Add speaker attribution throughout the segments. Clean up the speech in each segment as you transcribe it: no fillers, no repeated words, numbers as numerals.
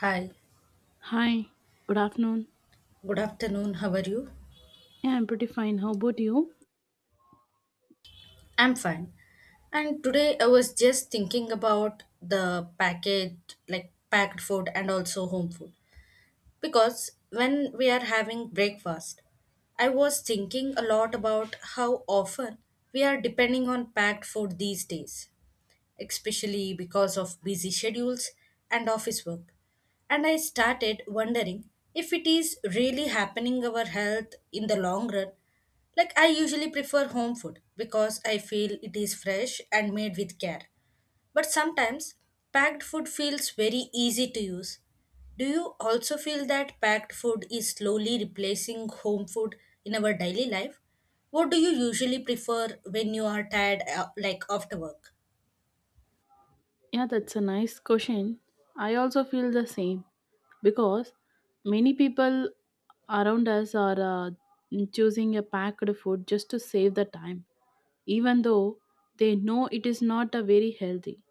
Speaker 1: Hi,
Speaker 2: Hi, good afternoon.
Speaker 1: good afternoon. How are you?
Speaker 2: Yeah, I'm pretty fine. How about you?
Speaker 1: I'm fine. And today I was just thinking about the packaged, like packed food and also home food. Because when we are having breakfast, I was thinking a lot about how often we are depending on packed food these days, especially because of busy schedules and office work. And I started wondering if it is really happening our health in the long run. Like, I usually prefer home food because I feel it is fresh and made with care. But sometimes packed food feels very easy to use. Do you also feel that packed food is slowly replacing home food in our daily life? What do you usually prefer when you are tired, like after work?
Speaker 2: Yeah, that's a nice question. I also feel the same because many people around us are choosing a packed food just to save the time, even though they know it is not a very healthy.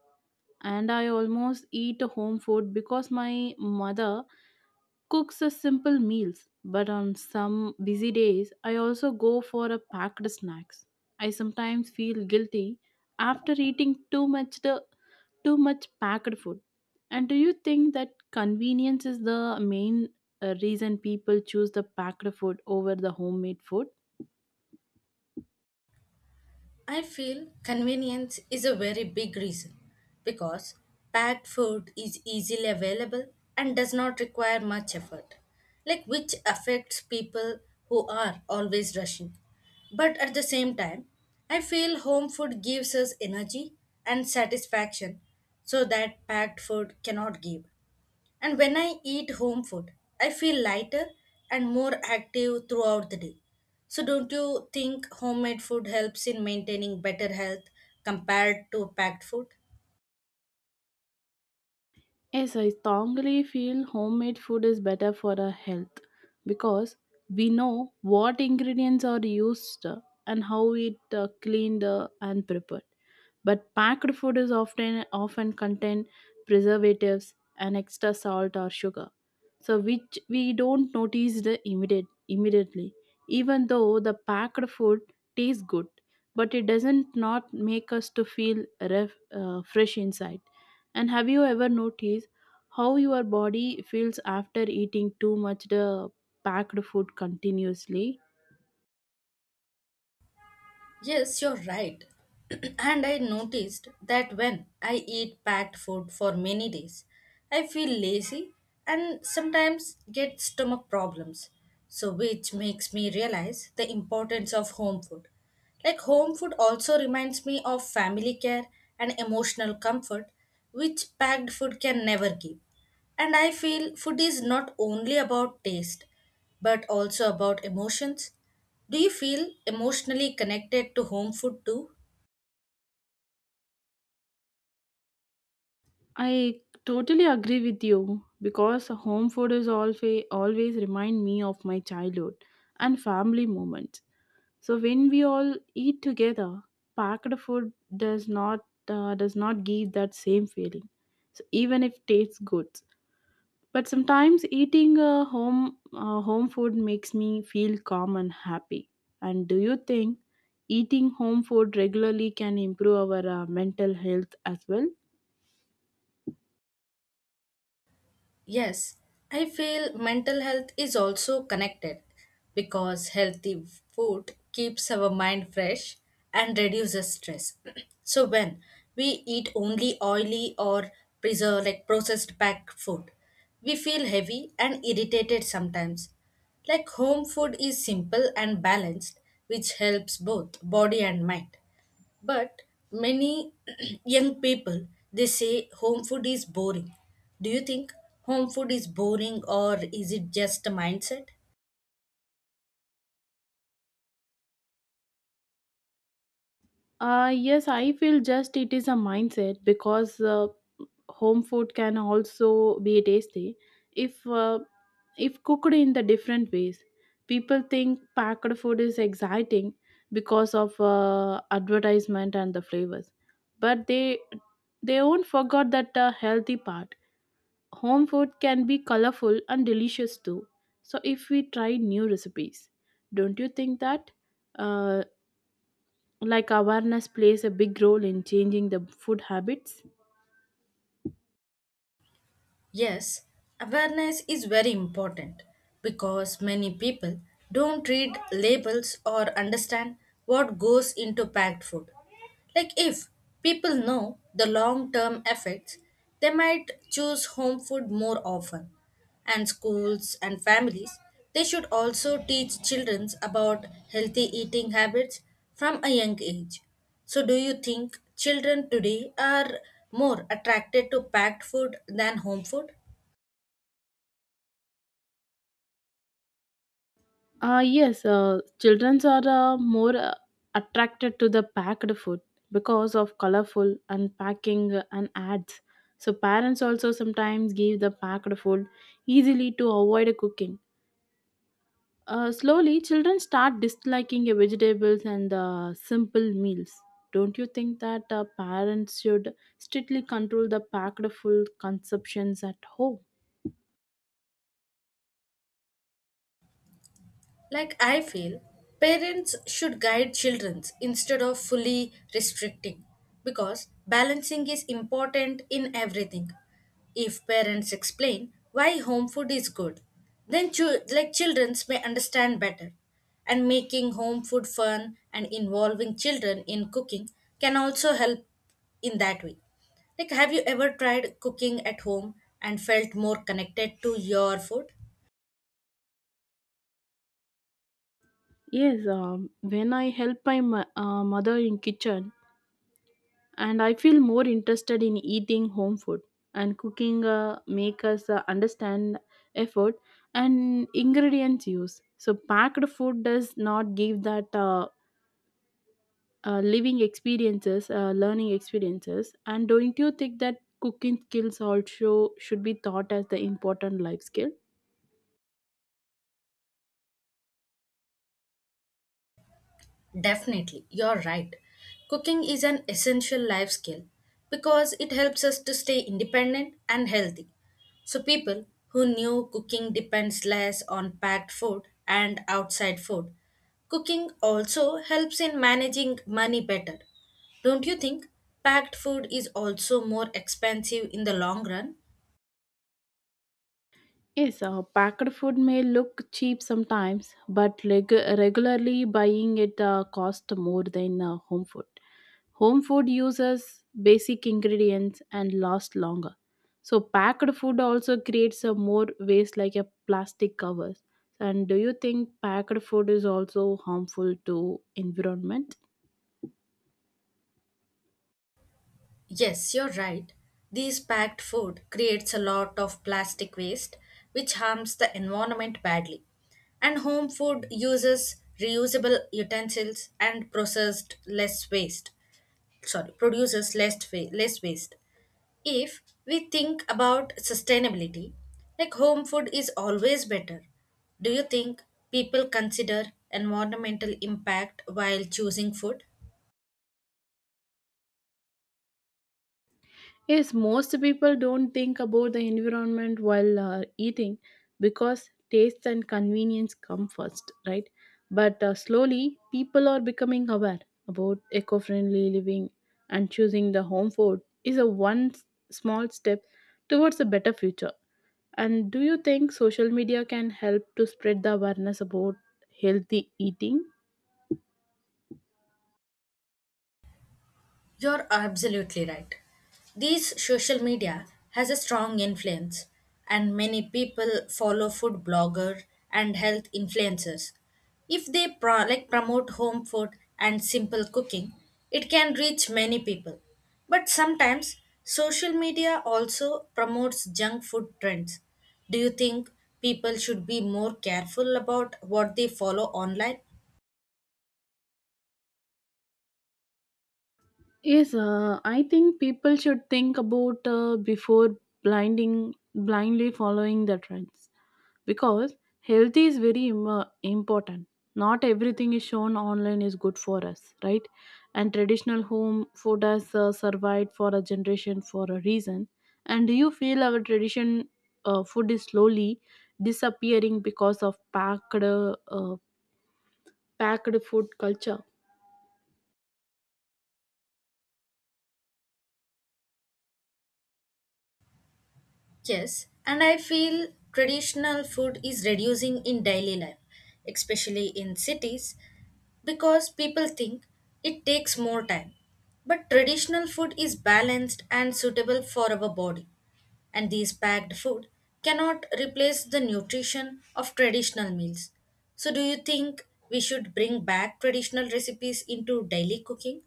Speaker 2: And I almost eat home food because my mother cooks a simple meals, but on some busy days, I also go for a packed snacks. I sometimes feel guilty after eating too much packed food. And do you think that convenience is the main reason people choose the packed food over the homemade food?
Speaker 1: I feel convenience is a very big reason because packed food is easily available and does not require much effort, like which affects people who are always rushing. But at the same time, I feel home food gives us energy and satisfaction so that packed food cannot give. And when I eat home food, I feel lighter and more active throughout the day. So, don't you think homemade food helps in maintaining better health compared to packed food?
Speaker 2: Yes, I strongly feel homemade food is better for our health because we know what ingredients are used, and how it cleaned and prepared. But packed food is often contain preservatives and extra salt or sugar, so which we don't notice the immediately. Even though the packed food tastes good, but it doesn't not make us to feel fresh inside. And have you ever noticed how your body feels after eating too much the packed food continuously?
Speaker 1: Yes, you're right. And I noticed that when I eat packed food for many days, I feel lazy and sometimes get stomach problems. So, which makes me realize the importance of home food. Like, home food also reminds me of family care and emotional comfort, which packed food can never give. And I feel food is not only about taste, but also about emotions. Do you feel emotionally connected to home food too?
Speaker 2: I totally agree with you because home food is always remind me of my childhood and family moments. So when we all eat together, packed food does not give that same feeling. So even if tastes good. But sometimes eating a home food makes me feel calm and happy. And do you think eating home food regularly can improve our mental health as well?
Speaker 1: Yes, I feel mental health is also connected because healthy food keeps our mind fresh and reduces stress. So when we eat only oily or preserved, like processed packed food, we feel heavy and irritated sometimes. Like, home food is simple and balanced, which helps both body and mind. But many young people, they say home food is boring. Do you think home food is boring, or is it just a mindset?
Speaker 2: Yes, I feel just it is a mindset because home food can also be tasty if uh, if cooked in the different ways. People think packed food is exciting because of advertisement and the flavors, but they won't forget that healthy part. Home food can be colorful and delicious too. So if we try new recipes, don't you think that? Uh, like awareness plays a big role in changing the food habits.
Speaker 1: Yes, awareness is very important because many people don't read labels or understand what goes into packed food. Like, if people know the long term effects, they might choose home food more often. And schools and families, they should also teach children about healthy eating habits from a young age. So do you think children today are more attracted to packed food than home food?
Speaker 2: Yes, children are more attracted to the packed food because of colorful and packing and ads. So parents also sometimes give the packed food easily to avoid cooking. Slowly children start disliking vegetables and simple meals. Don't you think that parents should strictly control the packed food consumptions at home?
Speaker 1: Like, I feel parents should guide children instead of fully restricting because balancing is important in everything. If parents explain why home food is good, then like children may understand better. And making home food fun and involving children in cooking can also help in that way. Like, have you ever tried cooking at home and felt more connected to your food?
Speaker 2: Yes, when I help my mother in kitchen, and I feel more interested in eating home food, and cooking make us understand effort and ingredients use. So packed food does not give that learning experiences. And don't you think that cooking skills also should be taught as the important life skill?
Speaker 1: Definitely, you're right. Cooking is an essential life skill because it helps us to stay independent and healthy. So, people who knew cooking depends less on packed food and outside food. Cooking also helps in managing money better. Don't you think packed food is also more expensive in the long run?
Speaker 2: Yes, packed food may look cheap sometimes, but regularly buying it costs more than home food. Home food uses basic ingredients and lasts longer. So packed food also creates a more waste like a plastic covers. And do you think packed food is also harmful to environment?
Speaker 1: Yes, you're right. These packed food creates a lot of plastic waste, which harms the environment badly. And home food uses reusable utensils and processed less waste. Sorry, produces less less waste. If we think about sustainability, like, home food is always better. Do you think people consider environmental impact while choosing food?
Speaker 2: Yes, most people don't think about the environment while eating because taste and convenience come first, right? But slowly, people are becoming aware about eco friendly living, and choosing the home food is a one small step towards a better future. And do you think social media can help to spread the awareness about healthy eating?
Speaker 1: You're absolutely right. These social media has a strong influence and many people follow food bloggers and health influencers. If they like promote home food and simple cooking, it can reach many people. But sometimes social media also promotes junk food trends. Do you think people should be more careful about what they follow online?
Speaker 2: Yes, I think people should think about before blinding blindly following the trends because health is very important. Not everything is shown online is good for us, right? And traditional home food has survived for a generation for a reason. And do you feel our tradition food is slowly disappearing because of packed food culture?
Speaker 1: Yes, and I feel traditional food is reducing in daily life, especially in cities, because people think it takes more time. But traditional food is balanced and suitable for our body, and these packed food cannot replace the nutrition of traditional meals. So, do you think we should bring back traditional recipes into daily cooking?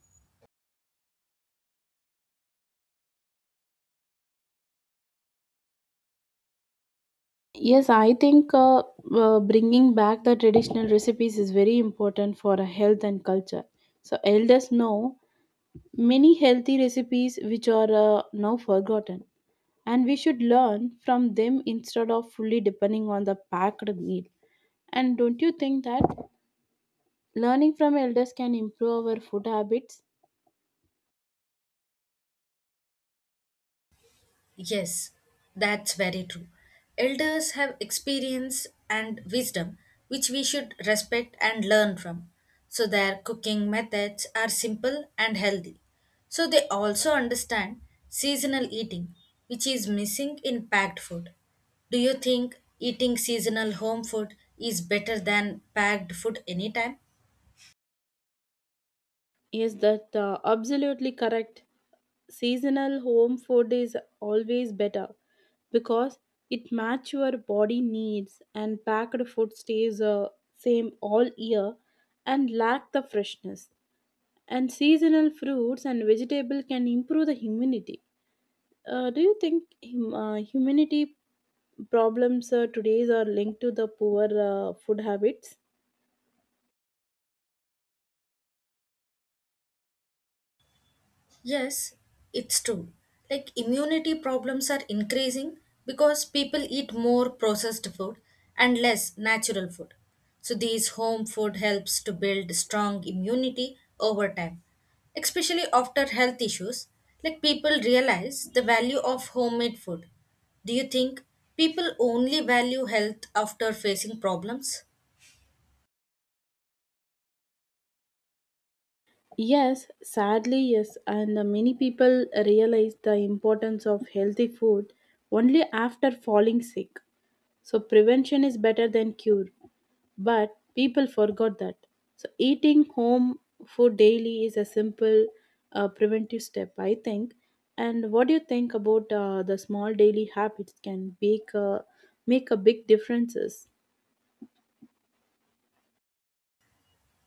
Speaker 2: Yes, I think bringing back the traditional recipes is very important for a health and culture. So elders know many healthy recipes which are now forgotten, and we should learn from them instead of fully depending on the packed meal. And don't you think that learning from elders can improve our food habits?
Speaker 1: Yes, that's very true. Elders have experience and wisdom which we should respect and learn from. So, their cooking methods are simple and healthy. So, they also understand seasonal eating, which is missing in packed food. Do you think eating seasonal home food is better than packed food anytime?
Speaker 2: Yes, that absolutely correct. Seasonal home food is always better because it match your body needs, and packed food stays same all year and lack the freshness. And seasonal fruits and vegetable can improve the immunity. Do you think immunity problems today are linked to the poor food habits?
Speaker 1: Yes, it's true. Like, immunity problems are increasing because people eat more processed food and less natural food. So these home food helps to build strong immunity over time. Especially after health issues, like, people realize the value of homemade food. Do you think people only value health after facing problems?
Speaker 2: Yes, sadly, yes, and many people realize the importance of healthy food only after falling sick. So, prevention is better than cure, but people forgot that. So, eating home food daily is a simple preventive step, I think. And what do you think about the small daily habits can make a big differences?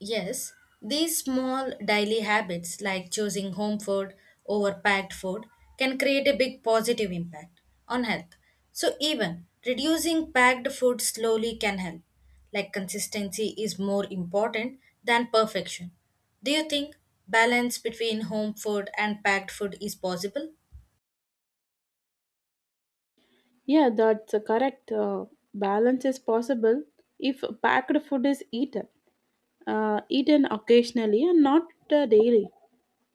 Speaker 1: Yes, these small daily habits like choosing home food over packed food can create a big positive impact on health. So, even reducing packed food slowly can help. Like, consistency is more important than perfection. Do you think balance between home food and packed food is possible?
Speaker 2: Yeah, that's a correct. Balance is possible if packed food is eaten occasionally and not daily.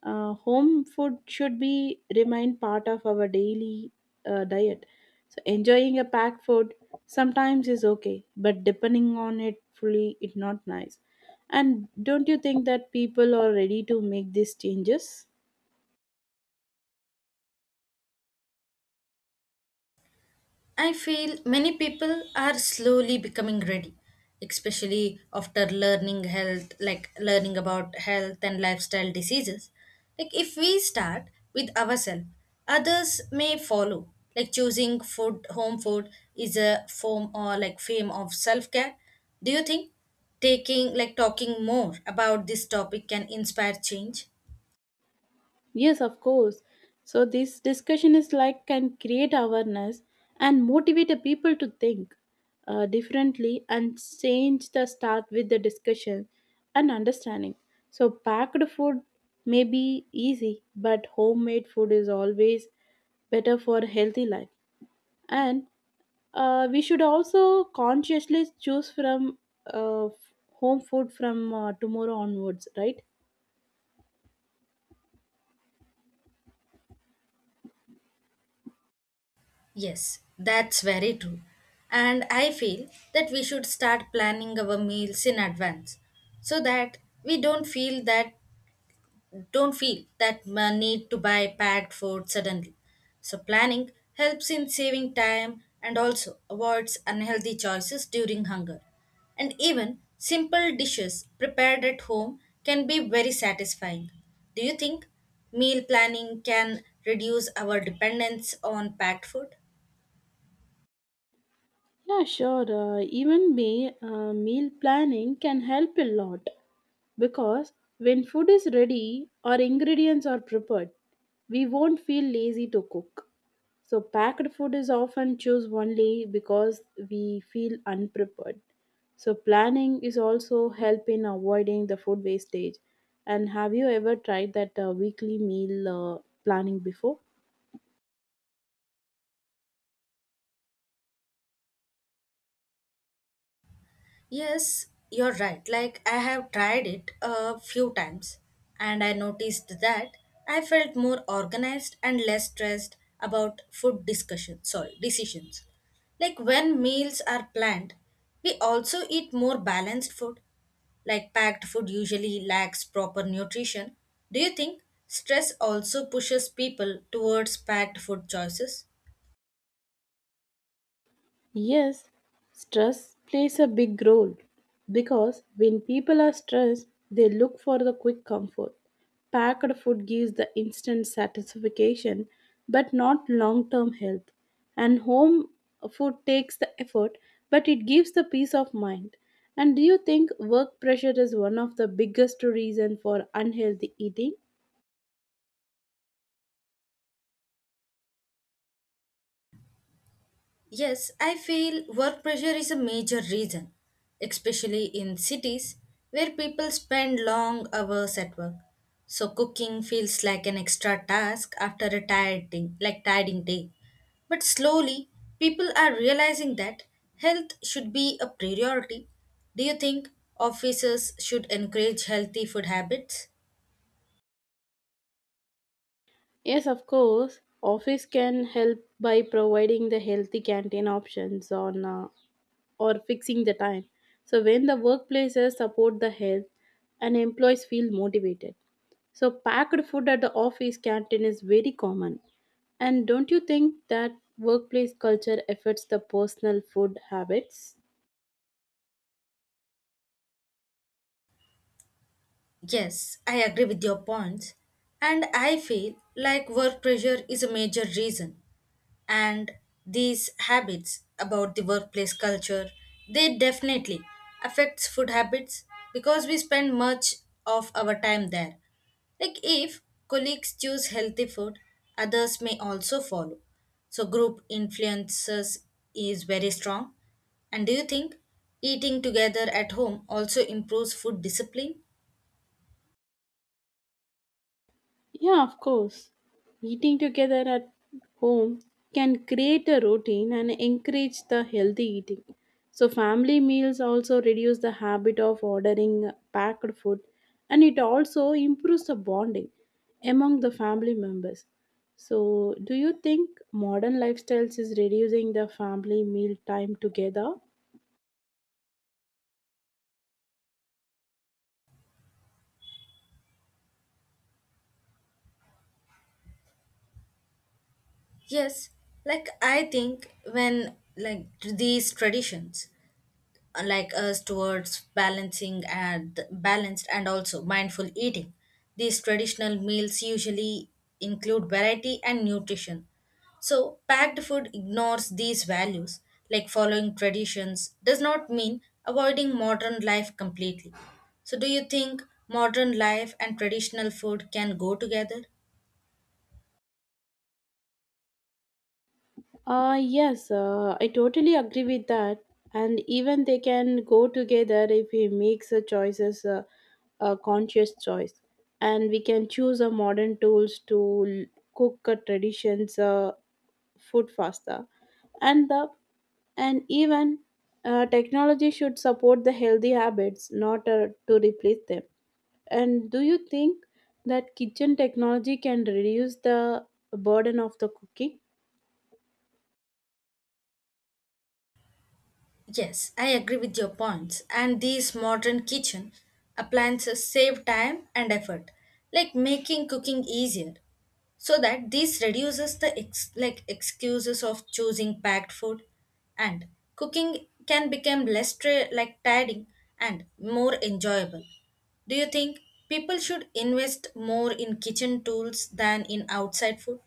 Speaker 2: Home food should be remain part of our daily diet. So enjoying a packed food sometimes is okay, but depending on it fully, it's not nice. And don't you think that people are ready to make these changes?
Speaker 1: I feel many people are slowly becoming ready, especially after learning health, like learning about health and lifestyle diseases. Like, if we start with ourselves, others may follow. Like, choosing food, home food is a form, or like fame of self care. Do you think taking, like, talking more about this topic can inspire change?
Speaker 2: Yes, of course. So this discussion is like can create awareness and motivate the people to think differently, and change the start with the discussion and understanding. So packed food may be easy, but homemade food is always better for healthy life. And we should also consciously choose from uh, f- home food from tomorrow onwards, right?
Speaker 1: Yes, that's very true. And I feel that we should start planning our meals in advance so that we don't feel that need to buy packed food suddenly. So planning helps in saving time and also avoids unhealthy choices during hunger. And even simple dishes prepared at home can be very satisfying. Do you think meal planning can reduce our dependence on packed food?
Speaker 2: Yeah, sure. Even meal planning can help a lot because when food is ready or ingredients are prepared, we won't feel lazy to cook. So, packed food is often choose only because we feel unprepared. So, planning is also help in avoiding the food wastage. And have you ever tried that weekly meal planning before?
Speaker 1: Yes, you're right. Like, I have tried it a few times and I noticed that I felt more organized and less stressed about decisions. Like, when meals are planned, we also eat more balanced food. Like, packed food usually lacks proper nutrition. Do you think stress also pushes people towards packed food choices?
Speaker 2: Yes, stress plays a big role because when people are stressed, they look for the quick comfort. Packed food gives the instant satisfaction but not long term health. And home food takes the effort but it gives the peace of mind. And do you think work pressure is one of the biggest reason for unhealthy eating?
Speaker 1: Yes, I feel work pressure is a major reason, especially in cities where people spend long hours at work. So cooking feels like an extra task after a tired day, like tiring day. But slowly, people are realizing that health should be a priority. Do you think offices should encourage healthy food habits?
Speaker 2: Yes, of course. Office can help by providing the healthy canteen options on or fixing the time. So, when the workplaces support the health and employees feel motivated. So, packed food at the office canteen is very common. And don't you think that workplace culture affects the personal food habits?
Speaker 1: Yes, I agree with your points, and I feel like work pressure is a major reason. And these habits about the workplace culture, they definitely affects food habits because we spend much of our time there. Like, if colleagues choose healthy food, others may also follow. So group influences is very strong. And do you think eating together at home also improves food discipline?
Speaker 2: Yeah, of course. Eating together at home can create a routine and encourage the healthy eating. So, family meals also reduce the habit of ordering packed food, and it also improves the bonding among the family members. So, do you think modern lifestyles is reducing the family meal time together?
Speaker 1: Yes, like, I think when, like, these traditions like us towards balancing and balanced and also mindful eating, these traditional meals usually include variety and nutrition. So packed food ignores these values. Like, following traditions does not mean avoiding modern life completely. So do you think modern life and traditional food can go together?
Speaker 2: Yes, I totally agree with that. And even they can go together if he makes a conscious choice. And we can choose a modern tools to cook a traditions food faster. And the and even technology should support the healthy habits, not to replace them. And do you think that kitchen technology can reduce the burden of the cooking?
Speaker 1: Yes, I agree with your points. And these modern kitchen appliances save time and effort, like making cooking easier. So that this reduces the like excuses of choosing packed food, and cooking can become less like tiring and more enjoyable. Do you think people should invest more in kitchen tools than in outside food?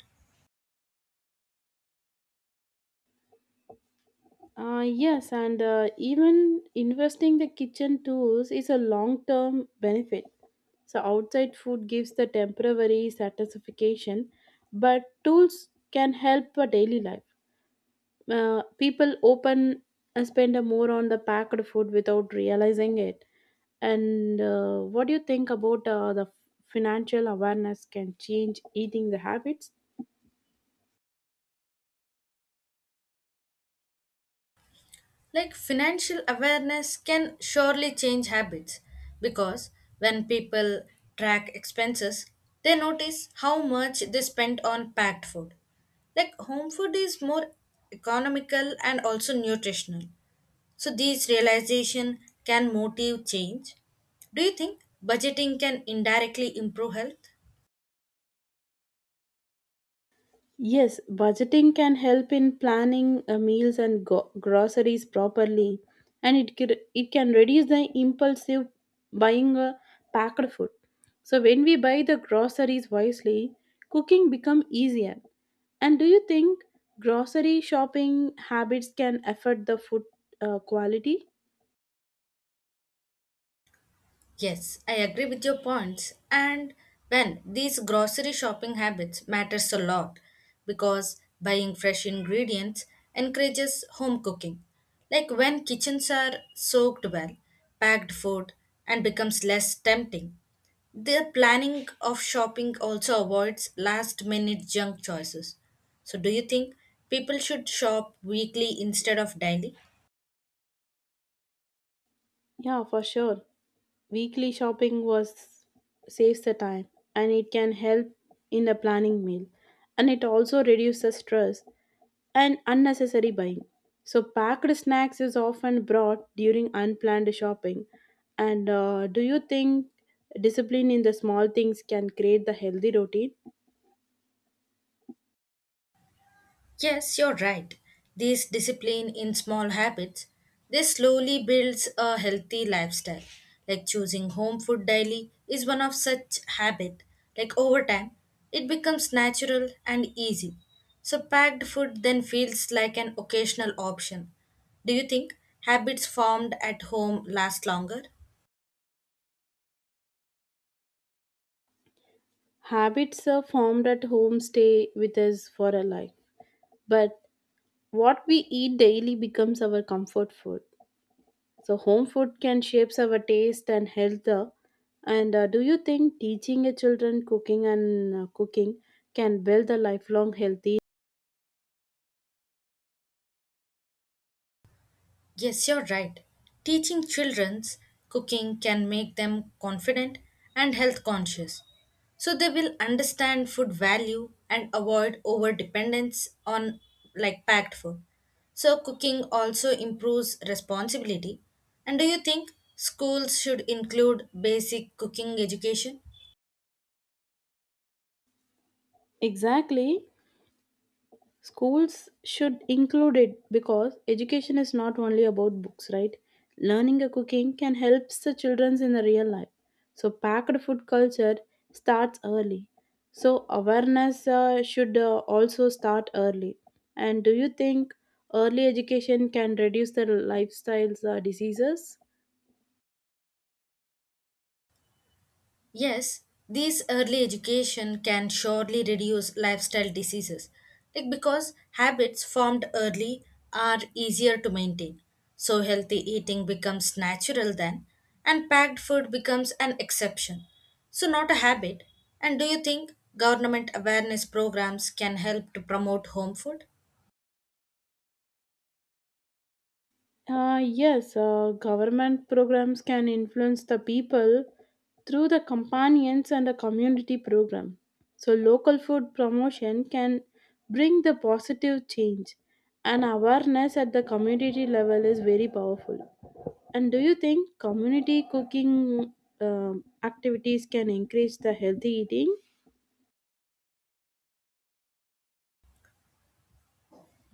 Speaker 2: Yes, and even investing the kitchen tools is a long-term benefit. So outside food gives the temporary satisfaction, but tools can help for daily life. People open and spend a more on the packed food without realizing it. And what do you think about the financial awareness can change eating the habits?
Speaker 1: Like, financial awareness can surely change habits because when people track expenses, they notice how much they spent on packed food. Like, home food is more economical and also nutritional. So these realization can motive change. Do you think budgeting can indirectly improve health?
Speaker 2: Yes, budgeting can help in planning meals and groceries properly, and it can reduce the impulsive buying a packed food. So when we buy the groceries wisely, cooking become easier. And do you think grocery shopping habits can affect the food quality?
Speaker 1: Yes, I agree with your points. And when these grocery shopping habits matters a lot because buying fresh ingredients encourages home cooking. Like, when kitchens are soaked well, packed food and becomes less tempting. The planning of shopping also avoids last minute junk choices. So do you think people should shop weekly instead of daily?
Speaker 2: Yeah, for sure. Weekly shopping was saves the time, and it can help in the planning meal, and it also reduces stress and unnecessary buying. So packed snacks is often brought during unplanned shopping. And do you think discipline in the small things can create the healthy routine?
Speaker 1: Yes, you're right. These discipline in small habits, they slowly builds a healthy lifestyle. Like, choosing home food daily is one of such habit. Like, over time, it becomes natural and easy. So packed food then feels like an occasional option. Do you think habits formed at home last longer?
Speaker 2: Habits are formed at home stay with us for a life. But what we eat daily becomes our comfort food. So home food can shapes our taste and health. And do you think teaching your children cooking can build a lifelong healthy?
Speaker 1: Yes, you're right. Teaching children's cooking can make them confident and health conscious. So they will understand food value and avoid over dependence on like packed food. So cooking also improves responsibility. And do you think schools should include basic cooking education?
Speaker 2: Exactly. Schools should include it because education is not only about books, right? Learning a cooking can help the children in the real life. So packed food culture starts early. So awareness should also start early. And do you think early education can reduce the lifestyles diseases?
Speaker 1: Yes, these early education can surely reduce lifestyle diseases, like because habits formed early are easier to maintain. So healthy eating becomes natural then, and packed food becomes an exception. So not a habit. And do you think government awareness programs can help to promote home food?
Speaker 2: Yes, government programs can influence the people through the companions and the community program. So, local food promotion can bring the positive change, and awareness at the community level is very powerful. And do you think community cooking activities can increase the healthy eating?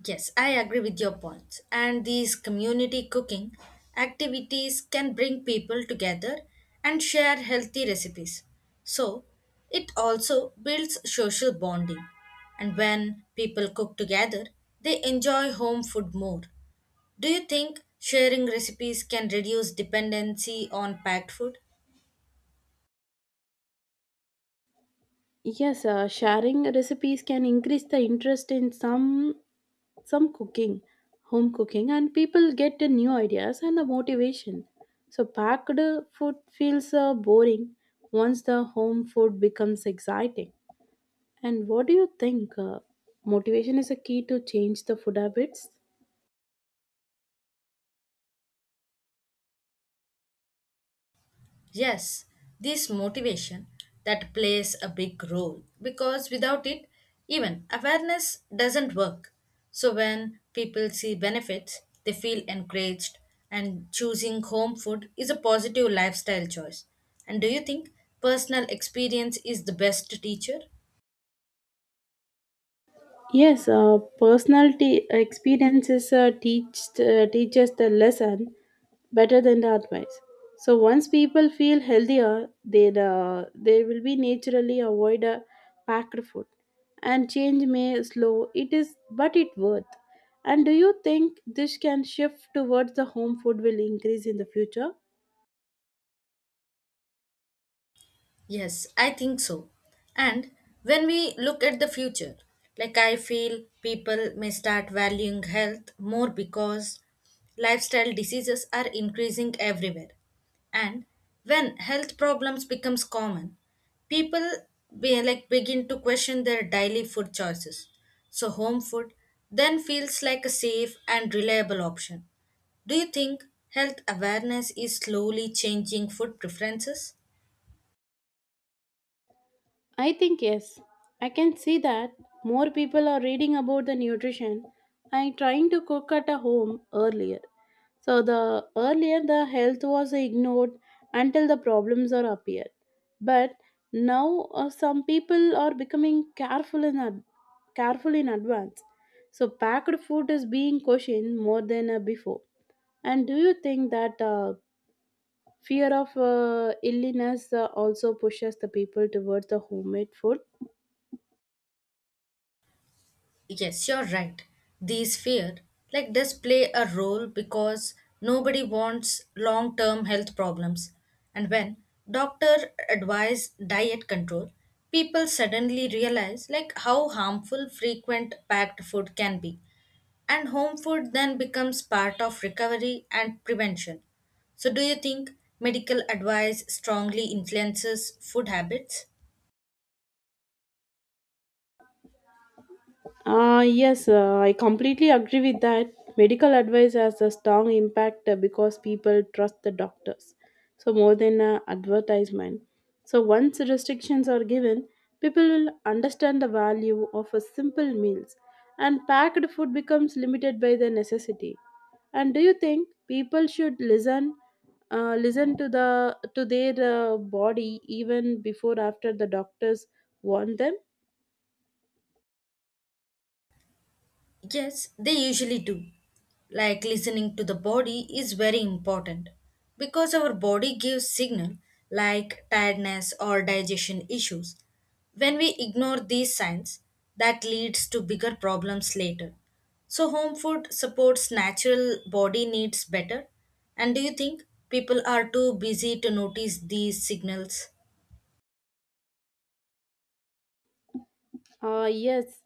Speaker 1: Yes, I agree with your points. And these community cooking activities can bring people together and share healthy recipes. So, it also builds social bonding. And when people cook together, they enjoy home food more. Do you think sharing recipes can reduce dependency on packed food?
Speaker 2: Yes, sharing recipes can increase the interest in some cooking, home cooking, and people get the new ideas and the motivation. So, packed food feels boring once the home food becomes exciting. And what do you think? Motivation is a key to change the food habits?
Speaker 1: Yes, this motivation that plays a big role because without it, even awareness doesn't work. So when people see benefits, they feel encouraged, and choosing home food is a positive lifestyle choice. And do you think personal experience is the best teacher?
Speaker 2: Yes, personality experiences teaches the lesson better than the advice. So once people feel healthier, they will be naturally avoid a packed food, and change may slow. It is, but it worth. And do you think this can shift towards the home food will increase in the future?
Speaker 1: Yes, I think so. And when we look at the future, like, I feel people may start valuing health more because lifestyle diseases are increasing everywhere. And when health problems becomes common, people be like begin to question their daily food choices. So home food then feels like a safe and reliable option. Do you think health awareness is slowly changing food preferences?
Speaker 2: I think yes. I can see that more people are reading about the nutrition and trying to cook at a home earlier. So the earlier the health was ignored until the problems are appeared. But now some people are becoming careful in advance. So packed food is being cautioned more than before. And do you think that fear of illness also pushes the people towards the homemade food?
Speaker 1: Yes, you're right. These fear like this play a role because nobody wants long-term health problems. And when doctor advise diet control, people suddenly realize like how harmful frequent packed food can be. And home food then becomes part of recovery and prevention. So do you think medical advice strongly influences food habits?
Speaker 2: Yes, I completely agree with that. Medical advice has a strong impact because people trust the doctors. So, more than an advertisement. So, once restrictions are given, people will understand the value of a simple meals, and packed food becomes limited by the necessity. And do you think people should listen to their body even before after the doctors warn them?
Speaker 1: Yes, they usually do. Like, listening to the body is very important because our body gives signal like tiredness or digestion issues. When we ignore these signs, that leads to bigger problems later. So home food supports natural body needs better. And do you think people are too busy to notice these signals?
Speaker 2: Yes,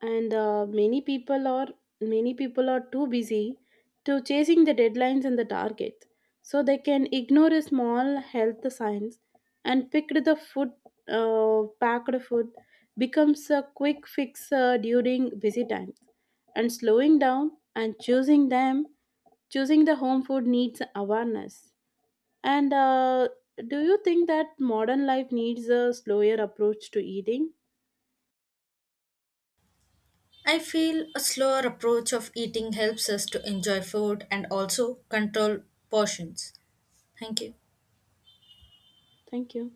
Speaker 2: and many people are too busy to chasing the deadlines and the targets, so they can ignore a small health signs and pick the food packed food becomes a quick fix during busy times, and slowing down and choosing the home food needs awareness. And do you think that modern life needs a slower approach to eating?
Speaker 1: I feel a slower approach of eating helps us to enjoy food and also control portions. Thank you.
Speaker 2: Thank you.